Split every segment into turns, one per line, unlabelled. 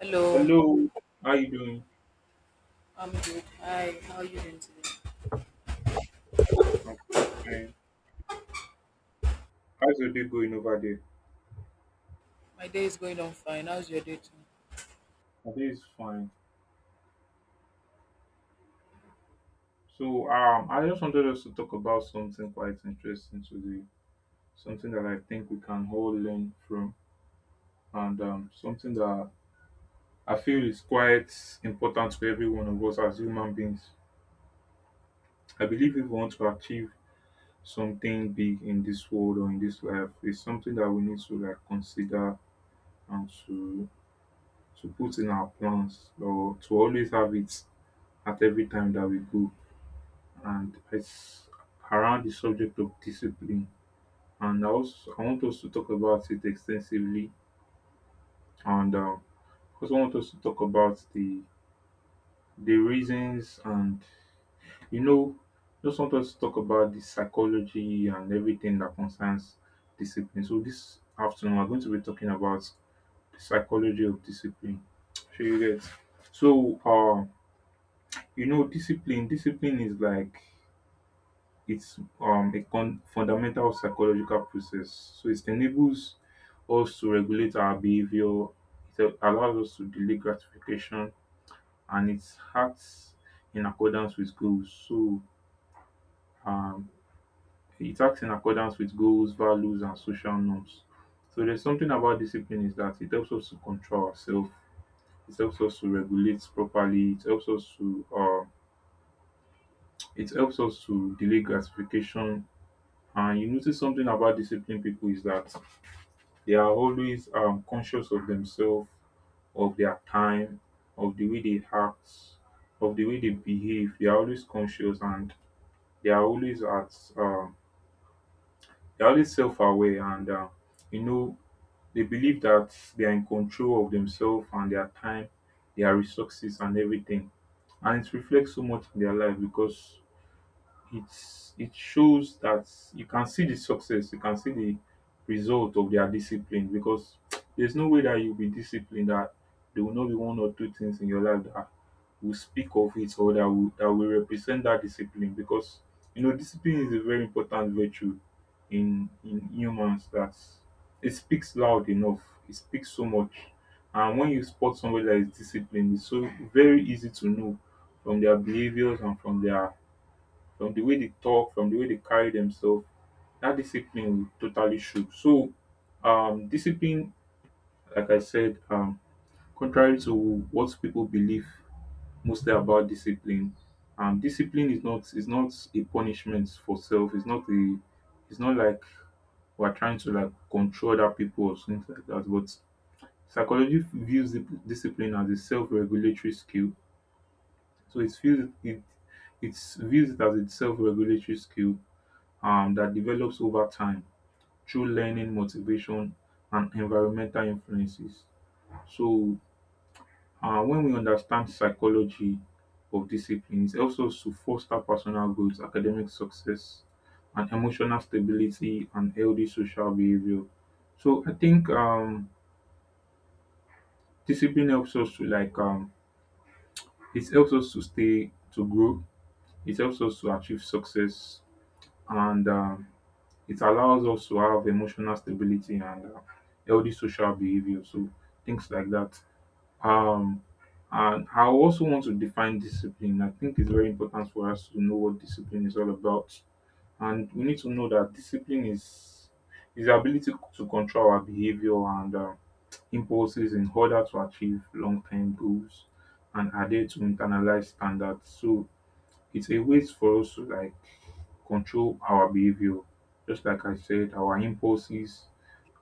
Hello,
Hello, how you doing?
I'm good. Hi, how are you doing today?
I'm fine. How's your day going over there?
My day is going on fine. How's your day too?
My day is fine. So, I just wanted us to talk about something quite interesting today. Something that I think we can all learn from, and something that I feel is quite important to every one of us as human beings. I believe if we want to achieve something big in this world or in this life, it's something that we need to like consider and to put in our plans or to always have it at every time that we go, and it's around the subject of discipline. And I also I want us to talk about it extensively, and also want us to talk about the reasons and you know just want us to talk about the psychology and everything that concerns discipline. So this afternoon we're going to be talking about the psychology of discipline. Sure you get. So you know discipline is like it's fundamental psychological process. So it enables us to regulate our behavior. It allows us to delay gratification, and it acts in accordance with goals. So um, it acts in accordance with goals, values, and social norms. So there's something about discipline is that it helps us to control ourselves. It helps us to regulate properly. It helps us to delay gratification. And you notice something about disciplined people is that they are always conscious of themselves, of their time, of the way they act, of the way they behave. They are always conscious, and they are always at um, they are always self-aware and you know they believe that they are in control of themselves and their time, their resources and everything. And it reflects so much in their life because it shows that you can see the success, you can see the result of their discipline because there's no way that you'll be disciplined that there will not be one or two things in your life that will speak of it or that will represent that discipline, because you know discipline is a very important virtue in humans, that it speaks loud enough, it speaks so much. And when you spot somebody that is disciplined, it's so very easy to know from their behaviors and from their from the way they talk, from the way they carry themselves, that discipline will totally show. So, discipline, like I said, contrary to what people believe mostly about discipline, discipline is not a punishment for self. It's not a it's not like we're trying to like control other people or things like that. But psychology views the discipline as a self-regulatory skill. So it feels it views it as a self-regulatory skill that develops over time through learning, motivation, and environmental influences. So when we understand psychology of disciplines, it helps us to foster personal growth, academic success, and emotional stability and healthy social behavior. So I think discipline helps us to like it helps us to stay, to grow, it helps us to achieve success, and it allows us to have emotional stability and healthy social behavior. So things like that. Um, and I also want to define discipline. I think it's very important for us to know what discipline is all about, and we need to know that discipline is the ability to control our behavior and impulses in order to achieve long-term goals and adhere to internalized standards. So it's a way for us to like control our behavior. Just like I said, our impulses.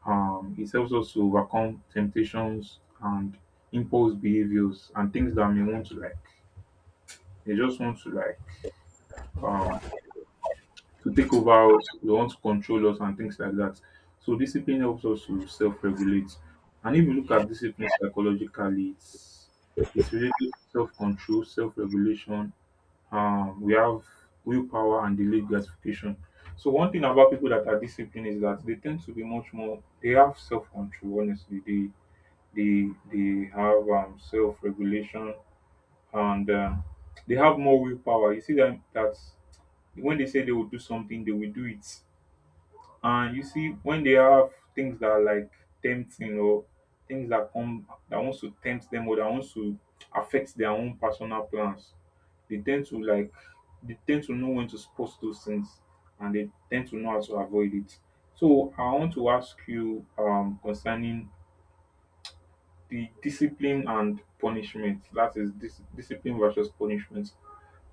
It helps us to overcome temptations and impulse behaviors and things that may want to like. They just want to like um, to take over us. They want to control us and things like that. So discipline helps us to self-regulate. And if you look
Yeah.
at discipline psychologically, it's related to self-control, self-regulation, we have willpower and delayed gratification. So one thing about people that are disciplined is that they tend to be much more. They have self control. Honestly, they have self regulation and they have more willpower. You see that when they say they will do something, they will do it. And you see, when they have things that are like tempting or things that come that wants to tempt them or that wants to affect their own personal plans, they tend to like they tend to know when to spot those things, and they tend to know how to avoid it. So I want to ask you concerning the discipline and punishment. That is discipline versus punishment.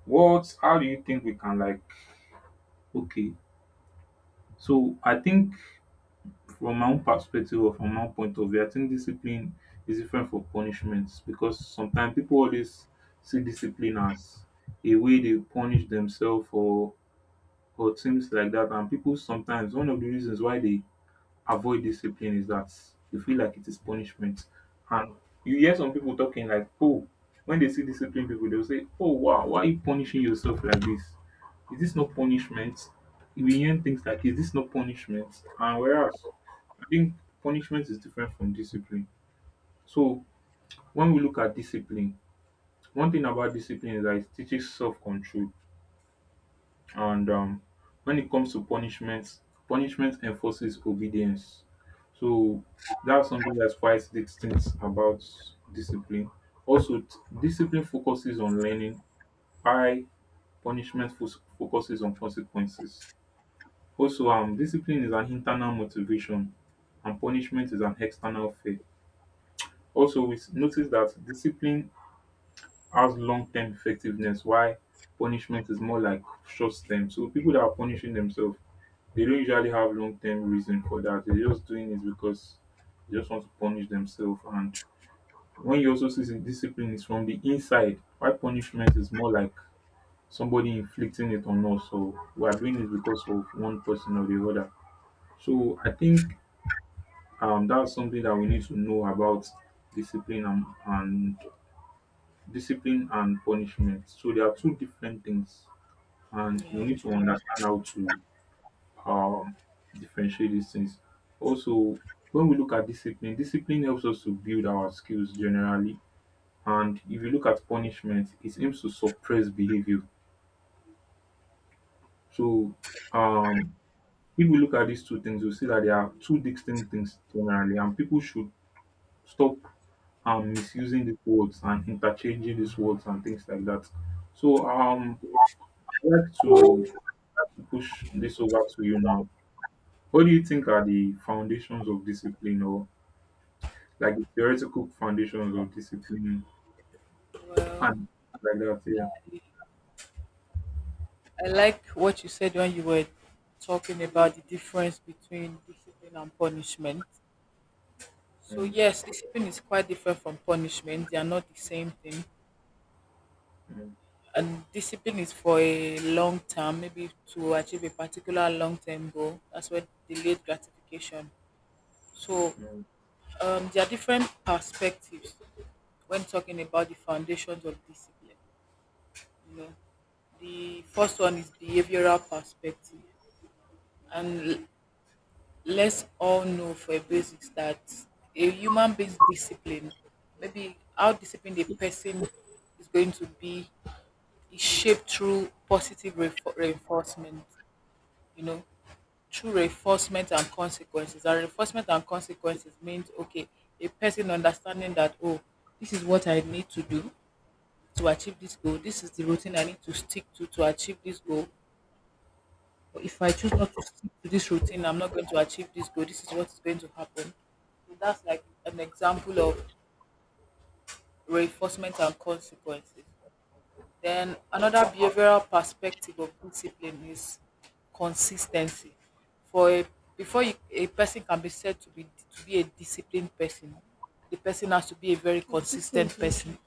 What how do you think we can like. Okay, so I think from my own perspective or from my own point of view, I think discipline is different from punishment, because sometimes people always see discipline as a way they punish themselves or things like that. And people sometimes one of the reasons why they avoid discipline is that they feel like it is punishment. And you hear some people talking like, oh, when they see discipline people, they'll say, oh wow, why are you punishing yourself like this? Is this not punishment? We hear things like, is this not punishment? And whereas I think punishment is different from discipline. So when we look at discipline, one thing about discipline is that it teaches self-control. And when it comes to punishment, punishment enforces obedience. So that's something that's quite distinct about discipline. Also, discipline focuses on learning, while punishment focuses on consequences. Also, discipline is an internal motivation and punishment is an external fear. Also we notice that discipline has long term effectiveness while punishment is more like short term. So people that are punishing themselves, they don't usually have long term reason for that. They're just doing it because they just want to punish themselves. And when you also see the discipline is from the inside, why punishment is more like somebody inflicting it on us. So we are doing it because of one person or the other. So I think that's something that we need to know about discipline and, and discipline and punishment. So there are two different things, and we need to understand how to um, differentiate these things. Also, when we look at discipline, discipline helps us to build our skills generally, and if you look at punishment, it aims to suppress behavior. So um, if we look at these two things, we see that they are two distinct things generally, and people should stop misusing these words and interchanging these words and things like that. So I'd like to push this over to you now. What do you think are the foundations of discipline or like the theoretical foundations of discipline
Well,
and like that, yeah.
I like what you said when you were talking about the difference between discipline and punishment. So
Mm,
yes, discipline is quite different from punishment. They are not the same thing.
mm,
And discipline is for a long term, maybe to achieve a particular long term goal. That's what delayed gratification. So
mm.
um, there are different perspectives when talking about the foundations of discipline. You know, the first one is behavioral perspective, and let's all know for a basics that a human based discipline, maybe how disciplined a person is going to be, is shaped through positive reinforcement. You know, through reinforcement and consequences. And reinforcement and consequences means okay, a person understanding that oh, this is what I need to do to achieve this goal. This is the routine I need to stick to achieve this goal. But if I choose not to stick to this routine, I'm not going to achieve this goal. This is what is going to happen. So that's like an example of reinforcement and consequences. Then another behavioral perspective of discipline is consistency. For a before you, a person can be said to be a disciplined person, the person has to be a very consistent person.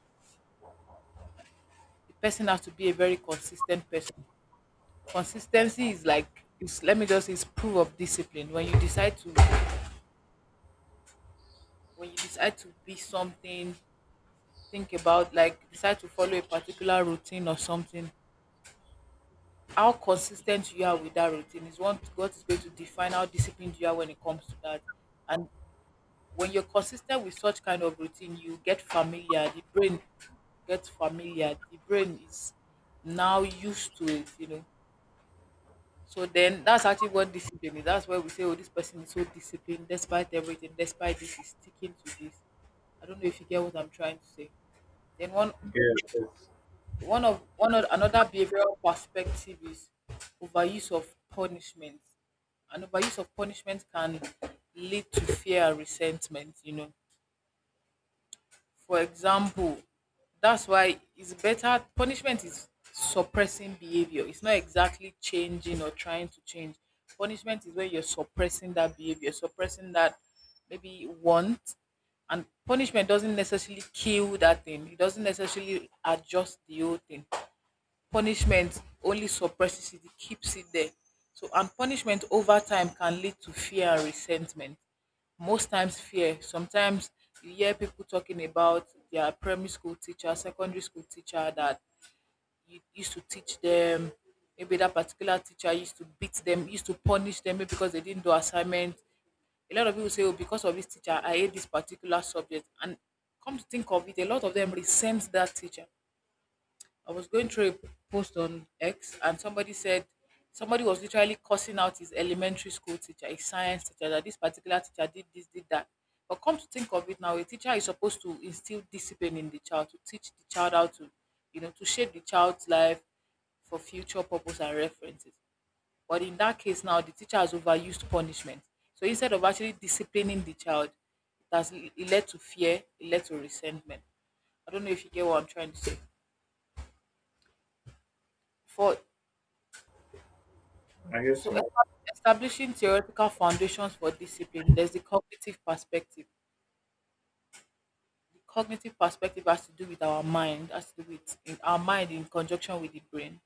The person has to be a very consistent person. Consistency is like is let me just say, is proof of discipline. When you decide to be something, think about like decide to follow a particular routine or something, how consistent you are with that routine is one what is going to define how disciplined you are when it comes to that. And when you're consistent with such kind of routine, you get familiar. The brain gets familiar. The brain is now used to it, you know. So then that's actually what discipline is. That's why we say, oh, this person is so disciplined despite everything, despite this, he's sticking to this. I don't know if you get what I'm trying to say. Then one
Yeah, yes,
One of another behavioral perspective is overuse of punishment. And overuse of punishment can lead to fear and resentment, you know. For example, that's why it's better punishment is suppressing behavior. It's not exactly changing or trying to change. Punishment is when you're suppressing that behavior, suppressing that maybe want, and punishment doesn't necessarily kill that thing, it doesn't necessarily adjust the whole thing. Punishment only suppresses it, it keeps it there. So, and punishment over time can lead to fear and resentment. Most times, fear. Sometimes you hear people talking about their primary school teacher, secondary school teacher that you used to teach them. Maybe that particular teacher used to beat them, used to punish them maybe because they didn't do assignment. A lot of people say, "Oh, because of this teacher, I hate this particular subject." And come to think of it, a lot of them resent that teacher. I was going through a post on X and somebody said somebody was literally cursing out his elementary school teacher, his science teacher, that this particular teacher did this, did that. But come to think of it now, a teacher is supposed to instill discipline in the child, to teach the child how to, you know, to shape the child's life for future purpose and references. But in that case now, the teacher has overused punishment. So instead of actually disciplining the child, it led to fear, it led to resentment. I don't know if you get what I'm trying to say. For
I get
So
you.
establishing theoretical foundations for discipline, there's the cognitive perspective. The cognitive perspective has to do with our mind, has to do with in our mind in conjunction with the brain.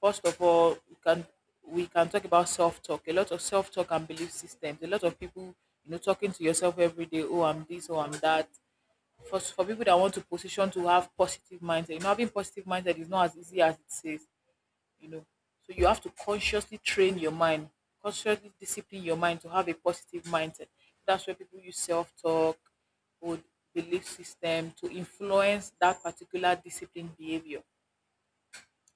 First of all, we can talk about self-talk. A lot of self-talk and belief systems. A lot of people, you know, talking to yourself every day, oh I'm this, oh I'm that. For people that want to position to have positive mindset, you know, having positive mindset is not as easy as it says. You know. So you have to consciously train your mind, consciously discipline your mind to have a positive mindset. That's where people use self talk or belief system to influence that particular discipline behavior.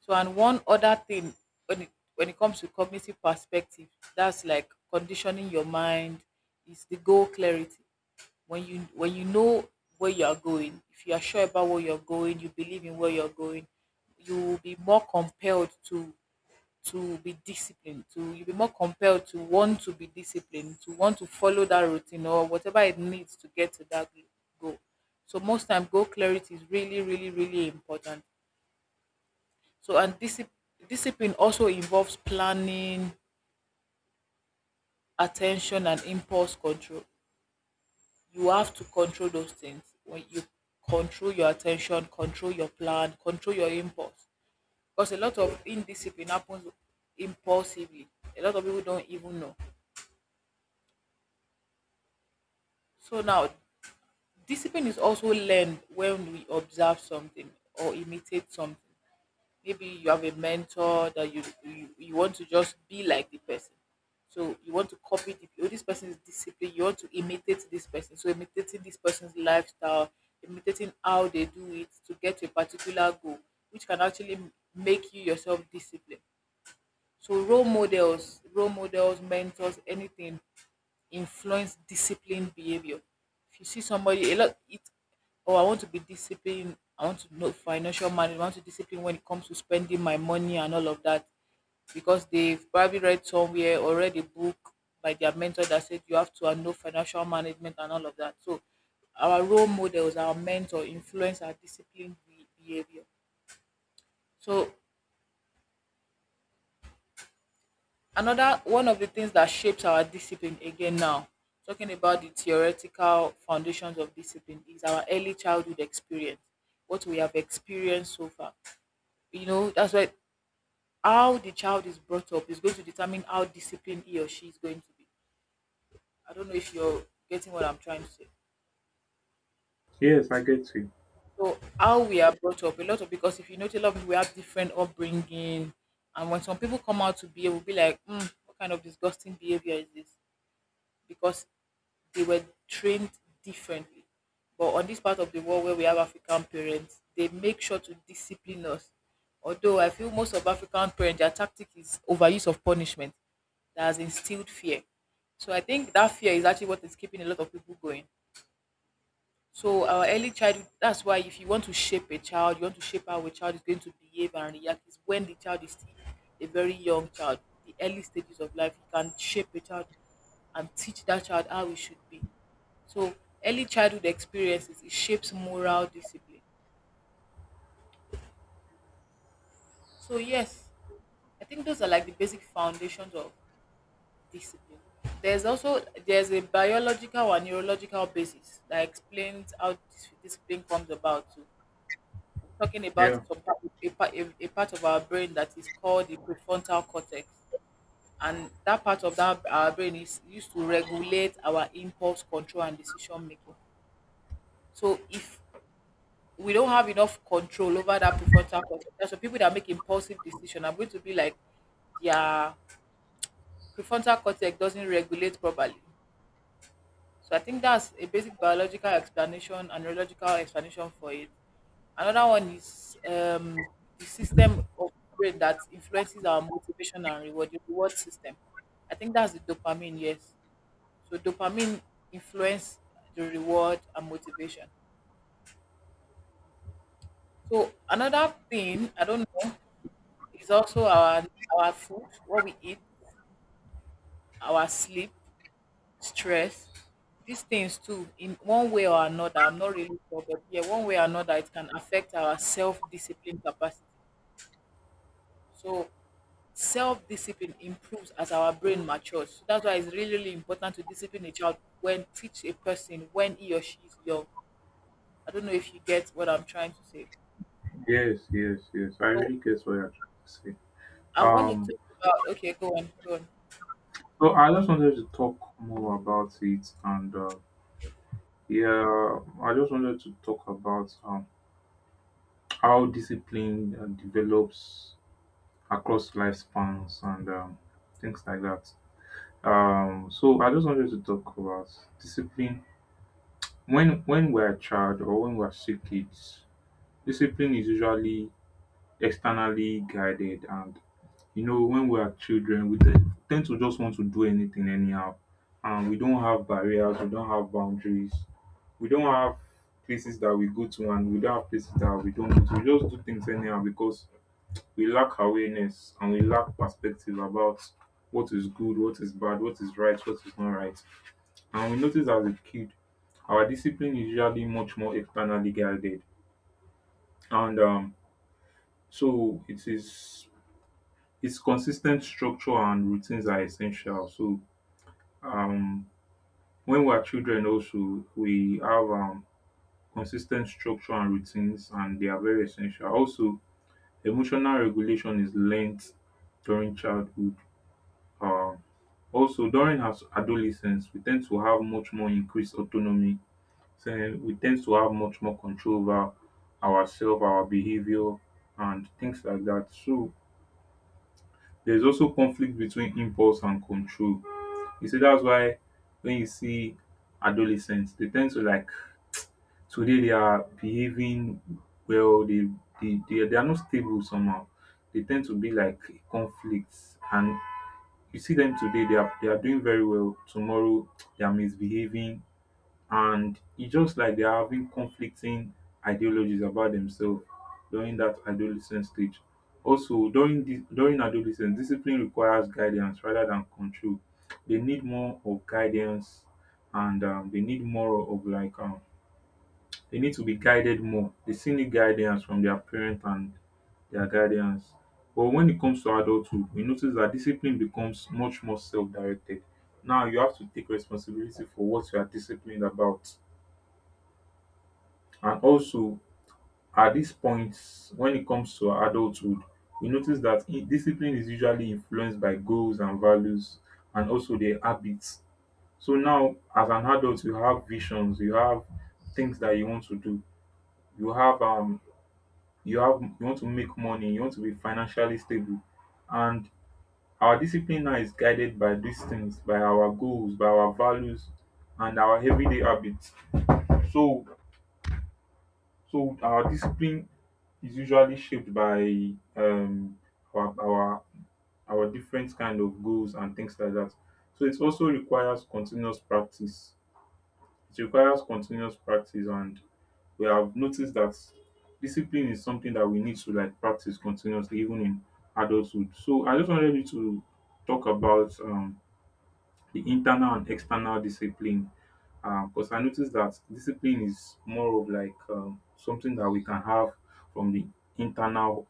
So, and one other thing when it, when it comes to cognitive perspective, that's like conditioning your mind, is the goal clarity. When you know where you are going, if you are sure about where you're going, you believe in where you're going, you will be more compelled to be disciplined to you'll be more compelled to want to be disciplined to want to follow that routine or whatever it needs to get to that goal. So most time goal clarity is really really really important. So and discipline also involves planning, attention and impulse control. You have to control those things. When you control your attention, control your plan, control your impulse, because a lot of indiscipline happens impulsively. A lot of people don't even know. So now discipline is also learned when we observe something or imitate something. Maybe you have a mentor that you want to just be like the person. So you want to copy the, oh, this person is disciplined. You want to imitate this person. So imitating this person's lifestyle, imitating how they do it to get to a particular goal, which can actually make you yourself disciplined. So role models, mentors, anything influence disciplined behavior. If you see somebody a lot it oh I want to be disciplined, I want to know financial management, I want to discipline when it comes to spending my money and all of that, because they've probably read somewhere or read a book by their mentor that said you have to know financial management and all of that. So our role models, our mentor influence our disciplined behavior. So another one of the things that shapes our discipline again now, talking about the theoretical foundations of discipline, is our early childhood experience, what we have experienced so far. You know, that's why how the child is brought up is going to determine how disciplined he or she is going to be. I don't know if you're getting what I'm trying to say.
Yes, I get you.
So how we are brought up, a lot of because if you notice, a lot of people we have different upbringing, and when some people come out to behave, we'll be like, mm, what kind of disgusting behavior is this? Because they were trained differently. But on this part of the world where we have African parents, they make sure to discipline us. Although I feel most of African parents, their tactic is overuse of punishment that has instilled fear. So I think that fear is actually what is keeping a lot of people going. So our early childhood, that's why if you want to shape a child, you want to shape how a child is going to behave and react is when the child is still a very young child. The early stages of life, you can shape a child and teach that child how he should be. So early childhood experiences, it shapes moral discipline. So yes, I think those are like the basic foundations of discipline. There's also there's a biological and neurological basis that explains how discipline comes about too. Talking about
Yeah.
some part, a part of our brain that is called the prefrontal cortex. And that part of that our brain is used to regulate our impulse control and decision making. So if we don't have enough control over that prefrontal cortex, so people that make impulsive decision are going to be like, their prefrontal cortex doesn't regulate properly. So I think that's a basic biological explanation and neurological explanation for it. Another one is the system of brain that influences our motivation and reward, the reward system. I think that's the dopamine, yes. So dopamine influence the reward and motivation. So another thing I don't know is also our food, what we eat, our sleep. Stress, these things too, in one way or another. I'm not really sure, but yeah, one way or another it can affect our self-discipline capacity. So self-discipline improves as our brain matures, so that's why it's really, really important to discipline a child, when teach a person when he or she is young. I don't know if you get what I'm trying to say.
Yes, yes, yes. I
So
really get what you're trying to say.
I want to
Um
talk about, okay, go on, go on.
so I just wanted to talk more about it and yeah, I just wanted to talk about how discipline develops across lifespans and things like that. So I just wanted to talk about discipline. When we're a child or when we're still kids, discipline is usually externally guided. And you know, when we are children, we tend to just want to do anything anyhow, and we don't have barriers, we don't have boundaries, we don't have places that we go to, and we don't have places that we don't go to. We just do things anyhow because we lack awareness and we lack perspective about what is good, what is bad, what is right, what is not right. And we notice as a kid, our discipline is usually much more externally guided, and so it is it's consistent structure and routines are essential. So um, when we're children also we have consistent structure and routines, and they are very essential. Also emotional regulation is learned during childhood. Um, also during as adolescence we tend to have much more increased autonomy. So we tend to have much more control over ourselves, our behavior and things like that. So there's also conflict between impulse and control. You see, that's why when you see adolescents, they tend to like today they are behaving well, they are not stable somehow. They tend to be like conflicts, and you see them today they are doing very well. Tomorrow they are misbehaving, and it's just like they're having conflicting ideologies about themselves during that adolescent stage. Also, during adolescence, discipline requires guidance rather than control. They need more of guidance, and they need more of like they need to be guided more. They still need guidance from their parent and their guardians. But when it comes to adulthood, we notice that discipline becomes much more self-directed. Now you have to take responsibility for what you are disciplined about, and also at this point, when it comes to adulthood, we notice dat discipline is usually influenced by goals and values, and also their habits. So now as an adult, you have visions, you have things that you want to do, you have you have you want to make money, you want to be financially stable, and our discipline now is guided by these things, by our goals, by our values, and our everyday habits. So So our discipline is usually shaped by our our different kind of goals and things like that. So it also requires continuous practice. It requires continuous practice, and we have noticed that discipline is something that we need to like practice continuously, even in adulthood. So I just wanted you to talk about the internal and external discipline. Because I noticed that discipline is more of like something that we can have from the internal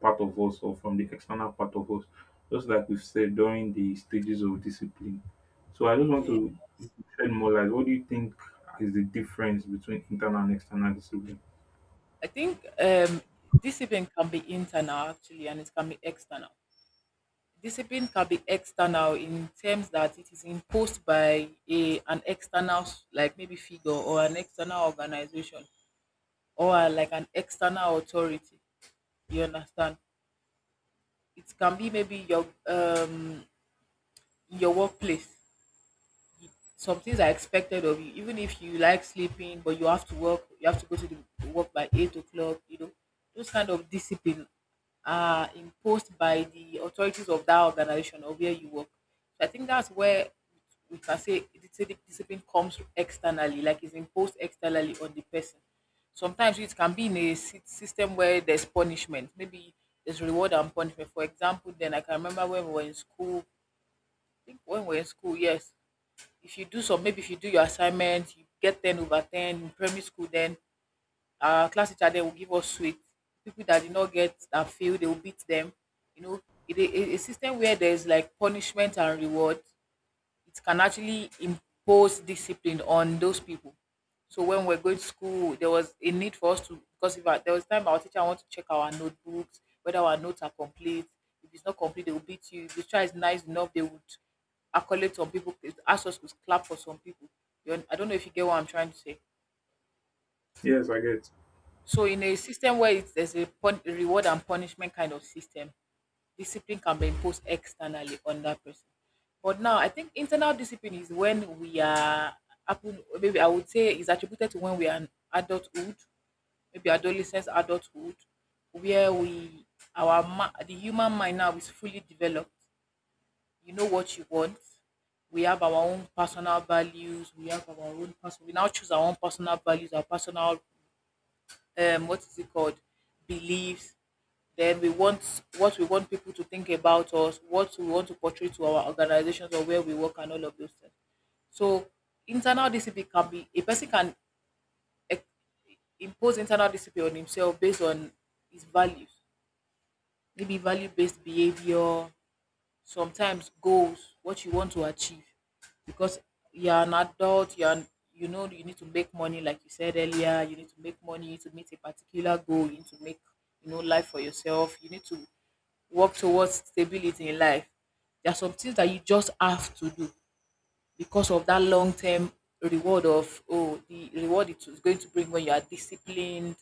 part of us or from the external part of us, just like we've said during the stages of discipline. So I just want
Yeah,
to shed more light. What do you think is the difference between internal and external discipline?
I think discipline can be internal actually, and it can be external. Discipline can be external in terms that it is imposed by a an external, like maybe figure, or an external organization, or like an external authority. You understand? It can be maybe your workplace. Some things are expected of you even if you like sleeping, but you have to work, you have to go to the work by 8 o'clock, you know. Those kind of discipline are imposed by the authorities of that organization or where you work. So I think that's where we can say discipline comes externally, like it's imposed externally on the person. Sometimes it can be in a system where there's punishment, maybe there's reward and punishment. For example, then, I can remember when we were in school, I think when we were in school, yes, if you do some, maybe if you do your assignment, you get 10 over 10 in primary school, then our class teacher then will give us sweet. People that did not get that, fail, they will beat them, you know. It, a system where there's like punishment and reward, it can actually impose discipline on those people. So when we're going to school, there was a need for us to, because if I, there was time our teacher want to check our notebooks whether our notes are complete. If it's not complete, they will beat you. If the child is nice enough, they would accolade some people. Ask us to clap for some people. I don't know if you get what I'm trying to say.
Yes, I get.
So in a system where it's, there's a reward and punishment kind of system, discipline can be imposed externally on that person. But now I think internal discipline is when we are maybe I would say is attributed to when we are in adulthood, maybe adolescence, adulthood, where we, the human mind now is fully developed. You know what you want. We have our own personal values. We have our own person. We now choose our own personal values, our personal, um, what is it called, beliefs. Then we want, what we want people to think about us, what we want to portray to our organizations or where we work, and all of those things. So internal discipline can be, a person can ex- impose internal discipline on himself based on his values, maybe value based behavior, sometimes goals, what you want to achieve. Because you're an adult, you know you need to make money, like you said earlier, you need to make money, you need to meet a particular goal, you need to make, you know, life for yourself, you need to work towards stability in life. There are some things that you just have to do because of that long term reward of, oh, the reward it is going to bring when you are disciplined,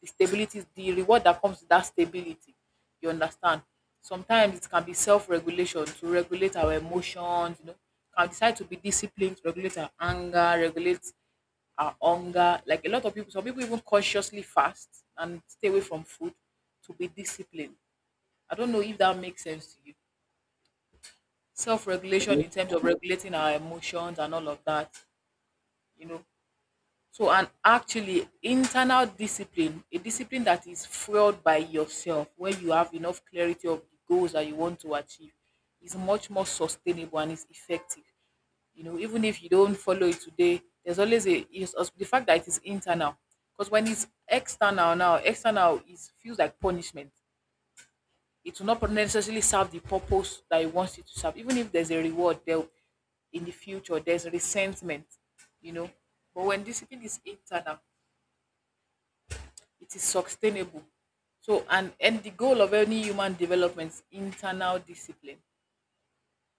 the stability, the reward that comes with that stability, you understand. Sometimes it can be self-regulation, to regulate our emotions, you know, can decide to be disciplined to regulate our anger, regulate our hunger. Like a lot of people, some people even consciously fast and stay away from food, to be disciplined. I don't know if that makes sense to you. Self-regulation in terms of regulating our emotions and all of that, you know. So, and actually internal discipline, a discipline that is fueled by yourself, where you have enough clarity of the goals that you want to achieve, is much more sustainable and is effective. You know, even if you don't follow it today, there's always a, is the fact that it is internal. Because when it's external now, external is, feels like punishment, it will not necessarily serve the purpose that it wants it to serve. Even if there's a reward there in the future, there's resentment, you know. But when discipline is internal, it is sustainable. So and the goal of any human development is internal discipline.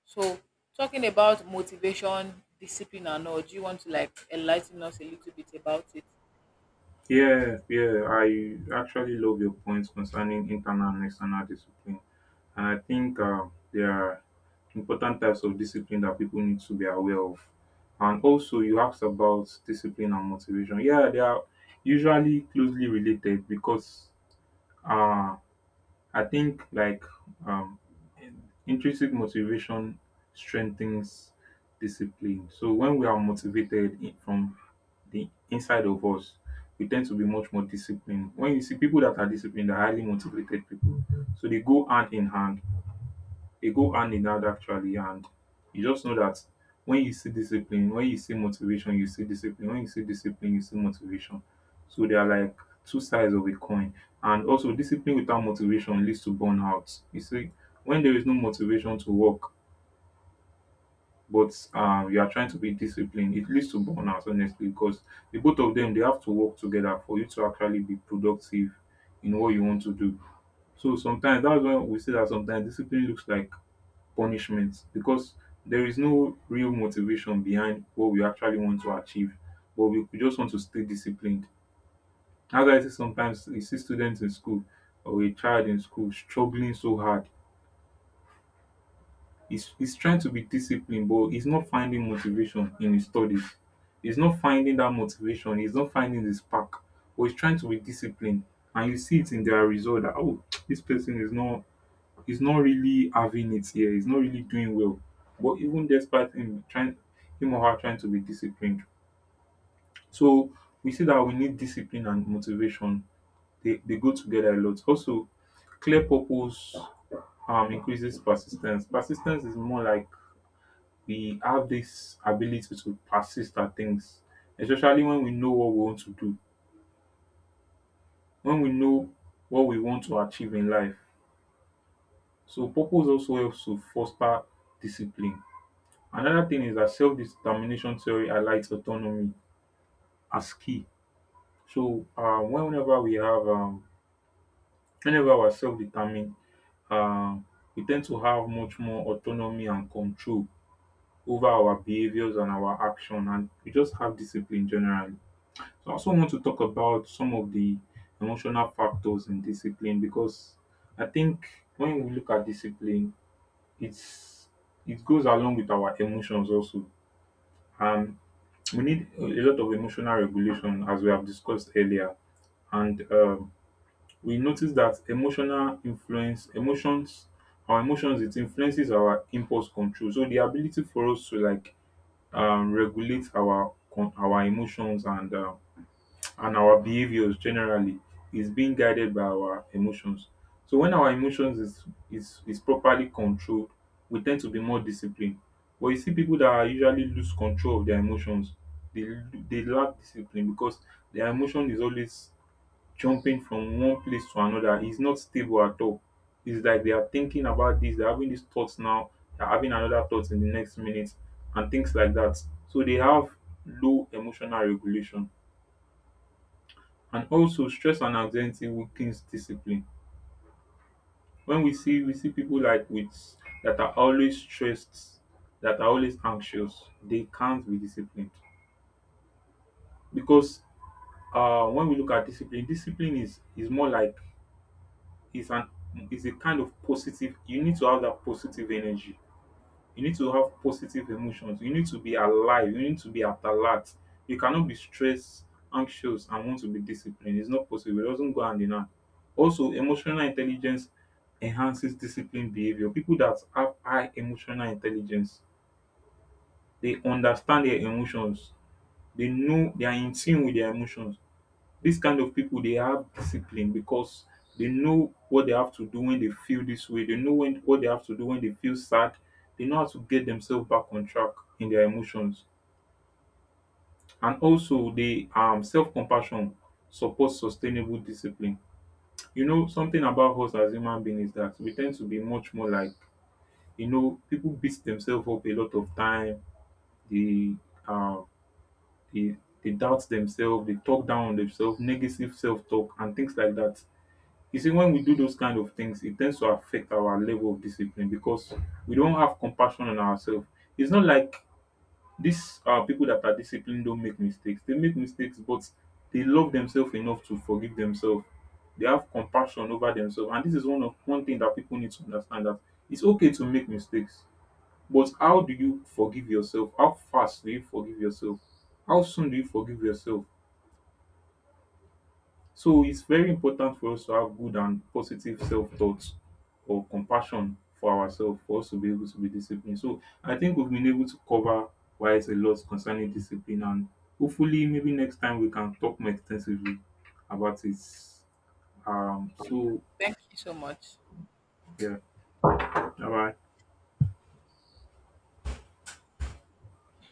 So, talking about motivation, discipline and all, do you want to like enlighten us a little bit about it?
Yeah, yeah, I actually love your points concerning internal and external discipline. And I think there are important types of discipline that people need to be aware of. And also, you asked about discipline and motivation. Yeah, they are usually closely related because uh, I think like um, intrinsic motivation strengthens discipline. So when we are motivated from the inside of us, we tend to be much more disciplined. When you see people that are disciplined, they are highly motivated people. So they go hand in hand, actually. And you just know that when you see discipline, when you see motivation, you see discipline; when you see discipline, you see motivation. So they are like two sides of a coin. And also, discipline without motivation leads to burnout. You see, when there is no motivation to work, but you are trying to be disciplined, it leads to burnout honestly, because the both of them, they have to work together for you to actually be productive in what you want to do. So sometimes that's when we say that sometimes discipline looks like punishment, because there is no real motivation behind what we actually want to achieve, but we just want to stay disciplined. As I say, sometimes you see students in school or a child in school struggling so hard. He's trying to be disciplined, but he's not finding motivation in his studies. He's not finding that motivation. He's not finding the spark, but he's trying to be disciplined. And you see it in their result that, oh, this person is not, he's not really having it here. He's not really doing well. But even despite him trying, him or her trying to be disciplined. So we see that we need discipline and motivation. They go together a lot. Also, clear purpose increases persistence. Persistence is more like we have this ability to persist at things, especially when we know what we want to do, when we know what we want to achieve in life. So purpose also helps to foster discipline. Another thing is that self-determination theory highlights autonomy as key. So whenever we have, whenever we're self-determined, um, we tend to have much more autonomy and control over our behaviors and our action, and we just have discipline generally. So I also want to talk about some of the emotional factors in discipline, because I think when we look at discipline, it's, it goes along with our emotions also, and we need a lot of emotional regulation as we have discussed earlier. And we notice that emotional influence emotions, our emotions, it influences our impulse control. So the ability for us to like regulate our our emotions and our behaviors generally is being guided by our emotions. So when our emotions is properly controlled, we tend to be more disciplined. But you see people that are usually lose control of their emotions, they they lack discipline, because their emotion is always jumping from one place to another. It's not stable at all. It's like they are thinking about this, they're having these thoughts now, they're having another thought in the next minute, and things like that. So they have low emotional regulation. And also stress and anxiety weakens discipline. When we see, we see people like with, that are always stressed, that are always anxious, they can't be disciplined. Because when we look at discipline, discipline is more like is an, is a kind of positive. You need to have that positive energy. You need to have positive emotions. You need to be alive. You need to be at alert. You cannot be stressed, anxious, and want to be disciplined. It's not possible. It doesn't go hand in hand. Also, emotional intelligence enhances disciplined behavior. People that have high emotional intelligence, they understand their emotions. They know, they are in tune with their emotions. Dis kind of people, they have discipline because they know what they have to do when they feel this way. They know when what they have to do when they feel sad. They know how to get themselves back on track in their emotions. And also, dey self compassion supports sustainable discipline. You know, something about us as human beings is that we tend to be much more like, you know, people beat themselves up a lot of time, dey um dey doubt themselves, dey talk down on demself, negative self talk and things like that. You see, when we do those kind of things, it tends to affect our level of discipline, because we don't have compassion on ourselves. It's not like these people that are disciplined don't make mistakes. They make mistakes, but they love themselves enough to forgive themselves. They have compassion over themselves, and this is one thing that people need to understand, that it's okay to make mistakes, but how do you forgive yourself? How fast do you forgive yourself? How soon do you forgive yourself? So it's very important for us to have good and positive self thoughts or compassion for ourselves for us to be able to be disciplined. So I think we've been able to cover quite a lot concerning discipline, and hopefully maybe next time we can talk more extensively about it. So
Thank you so much.
yeah, bye bye.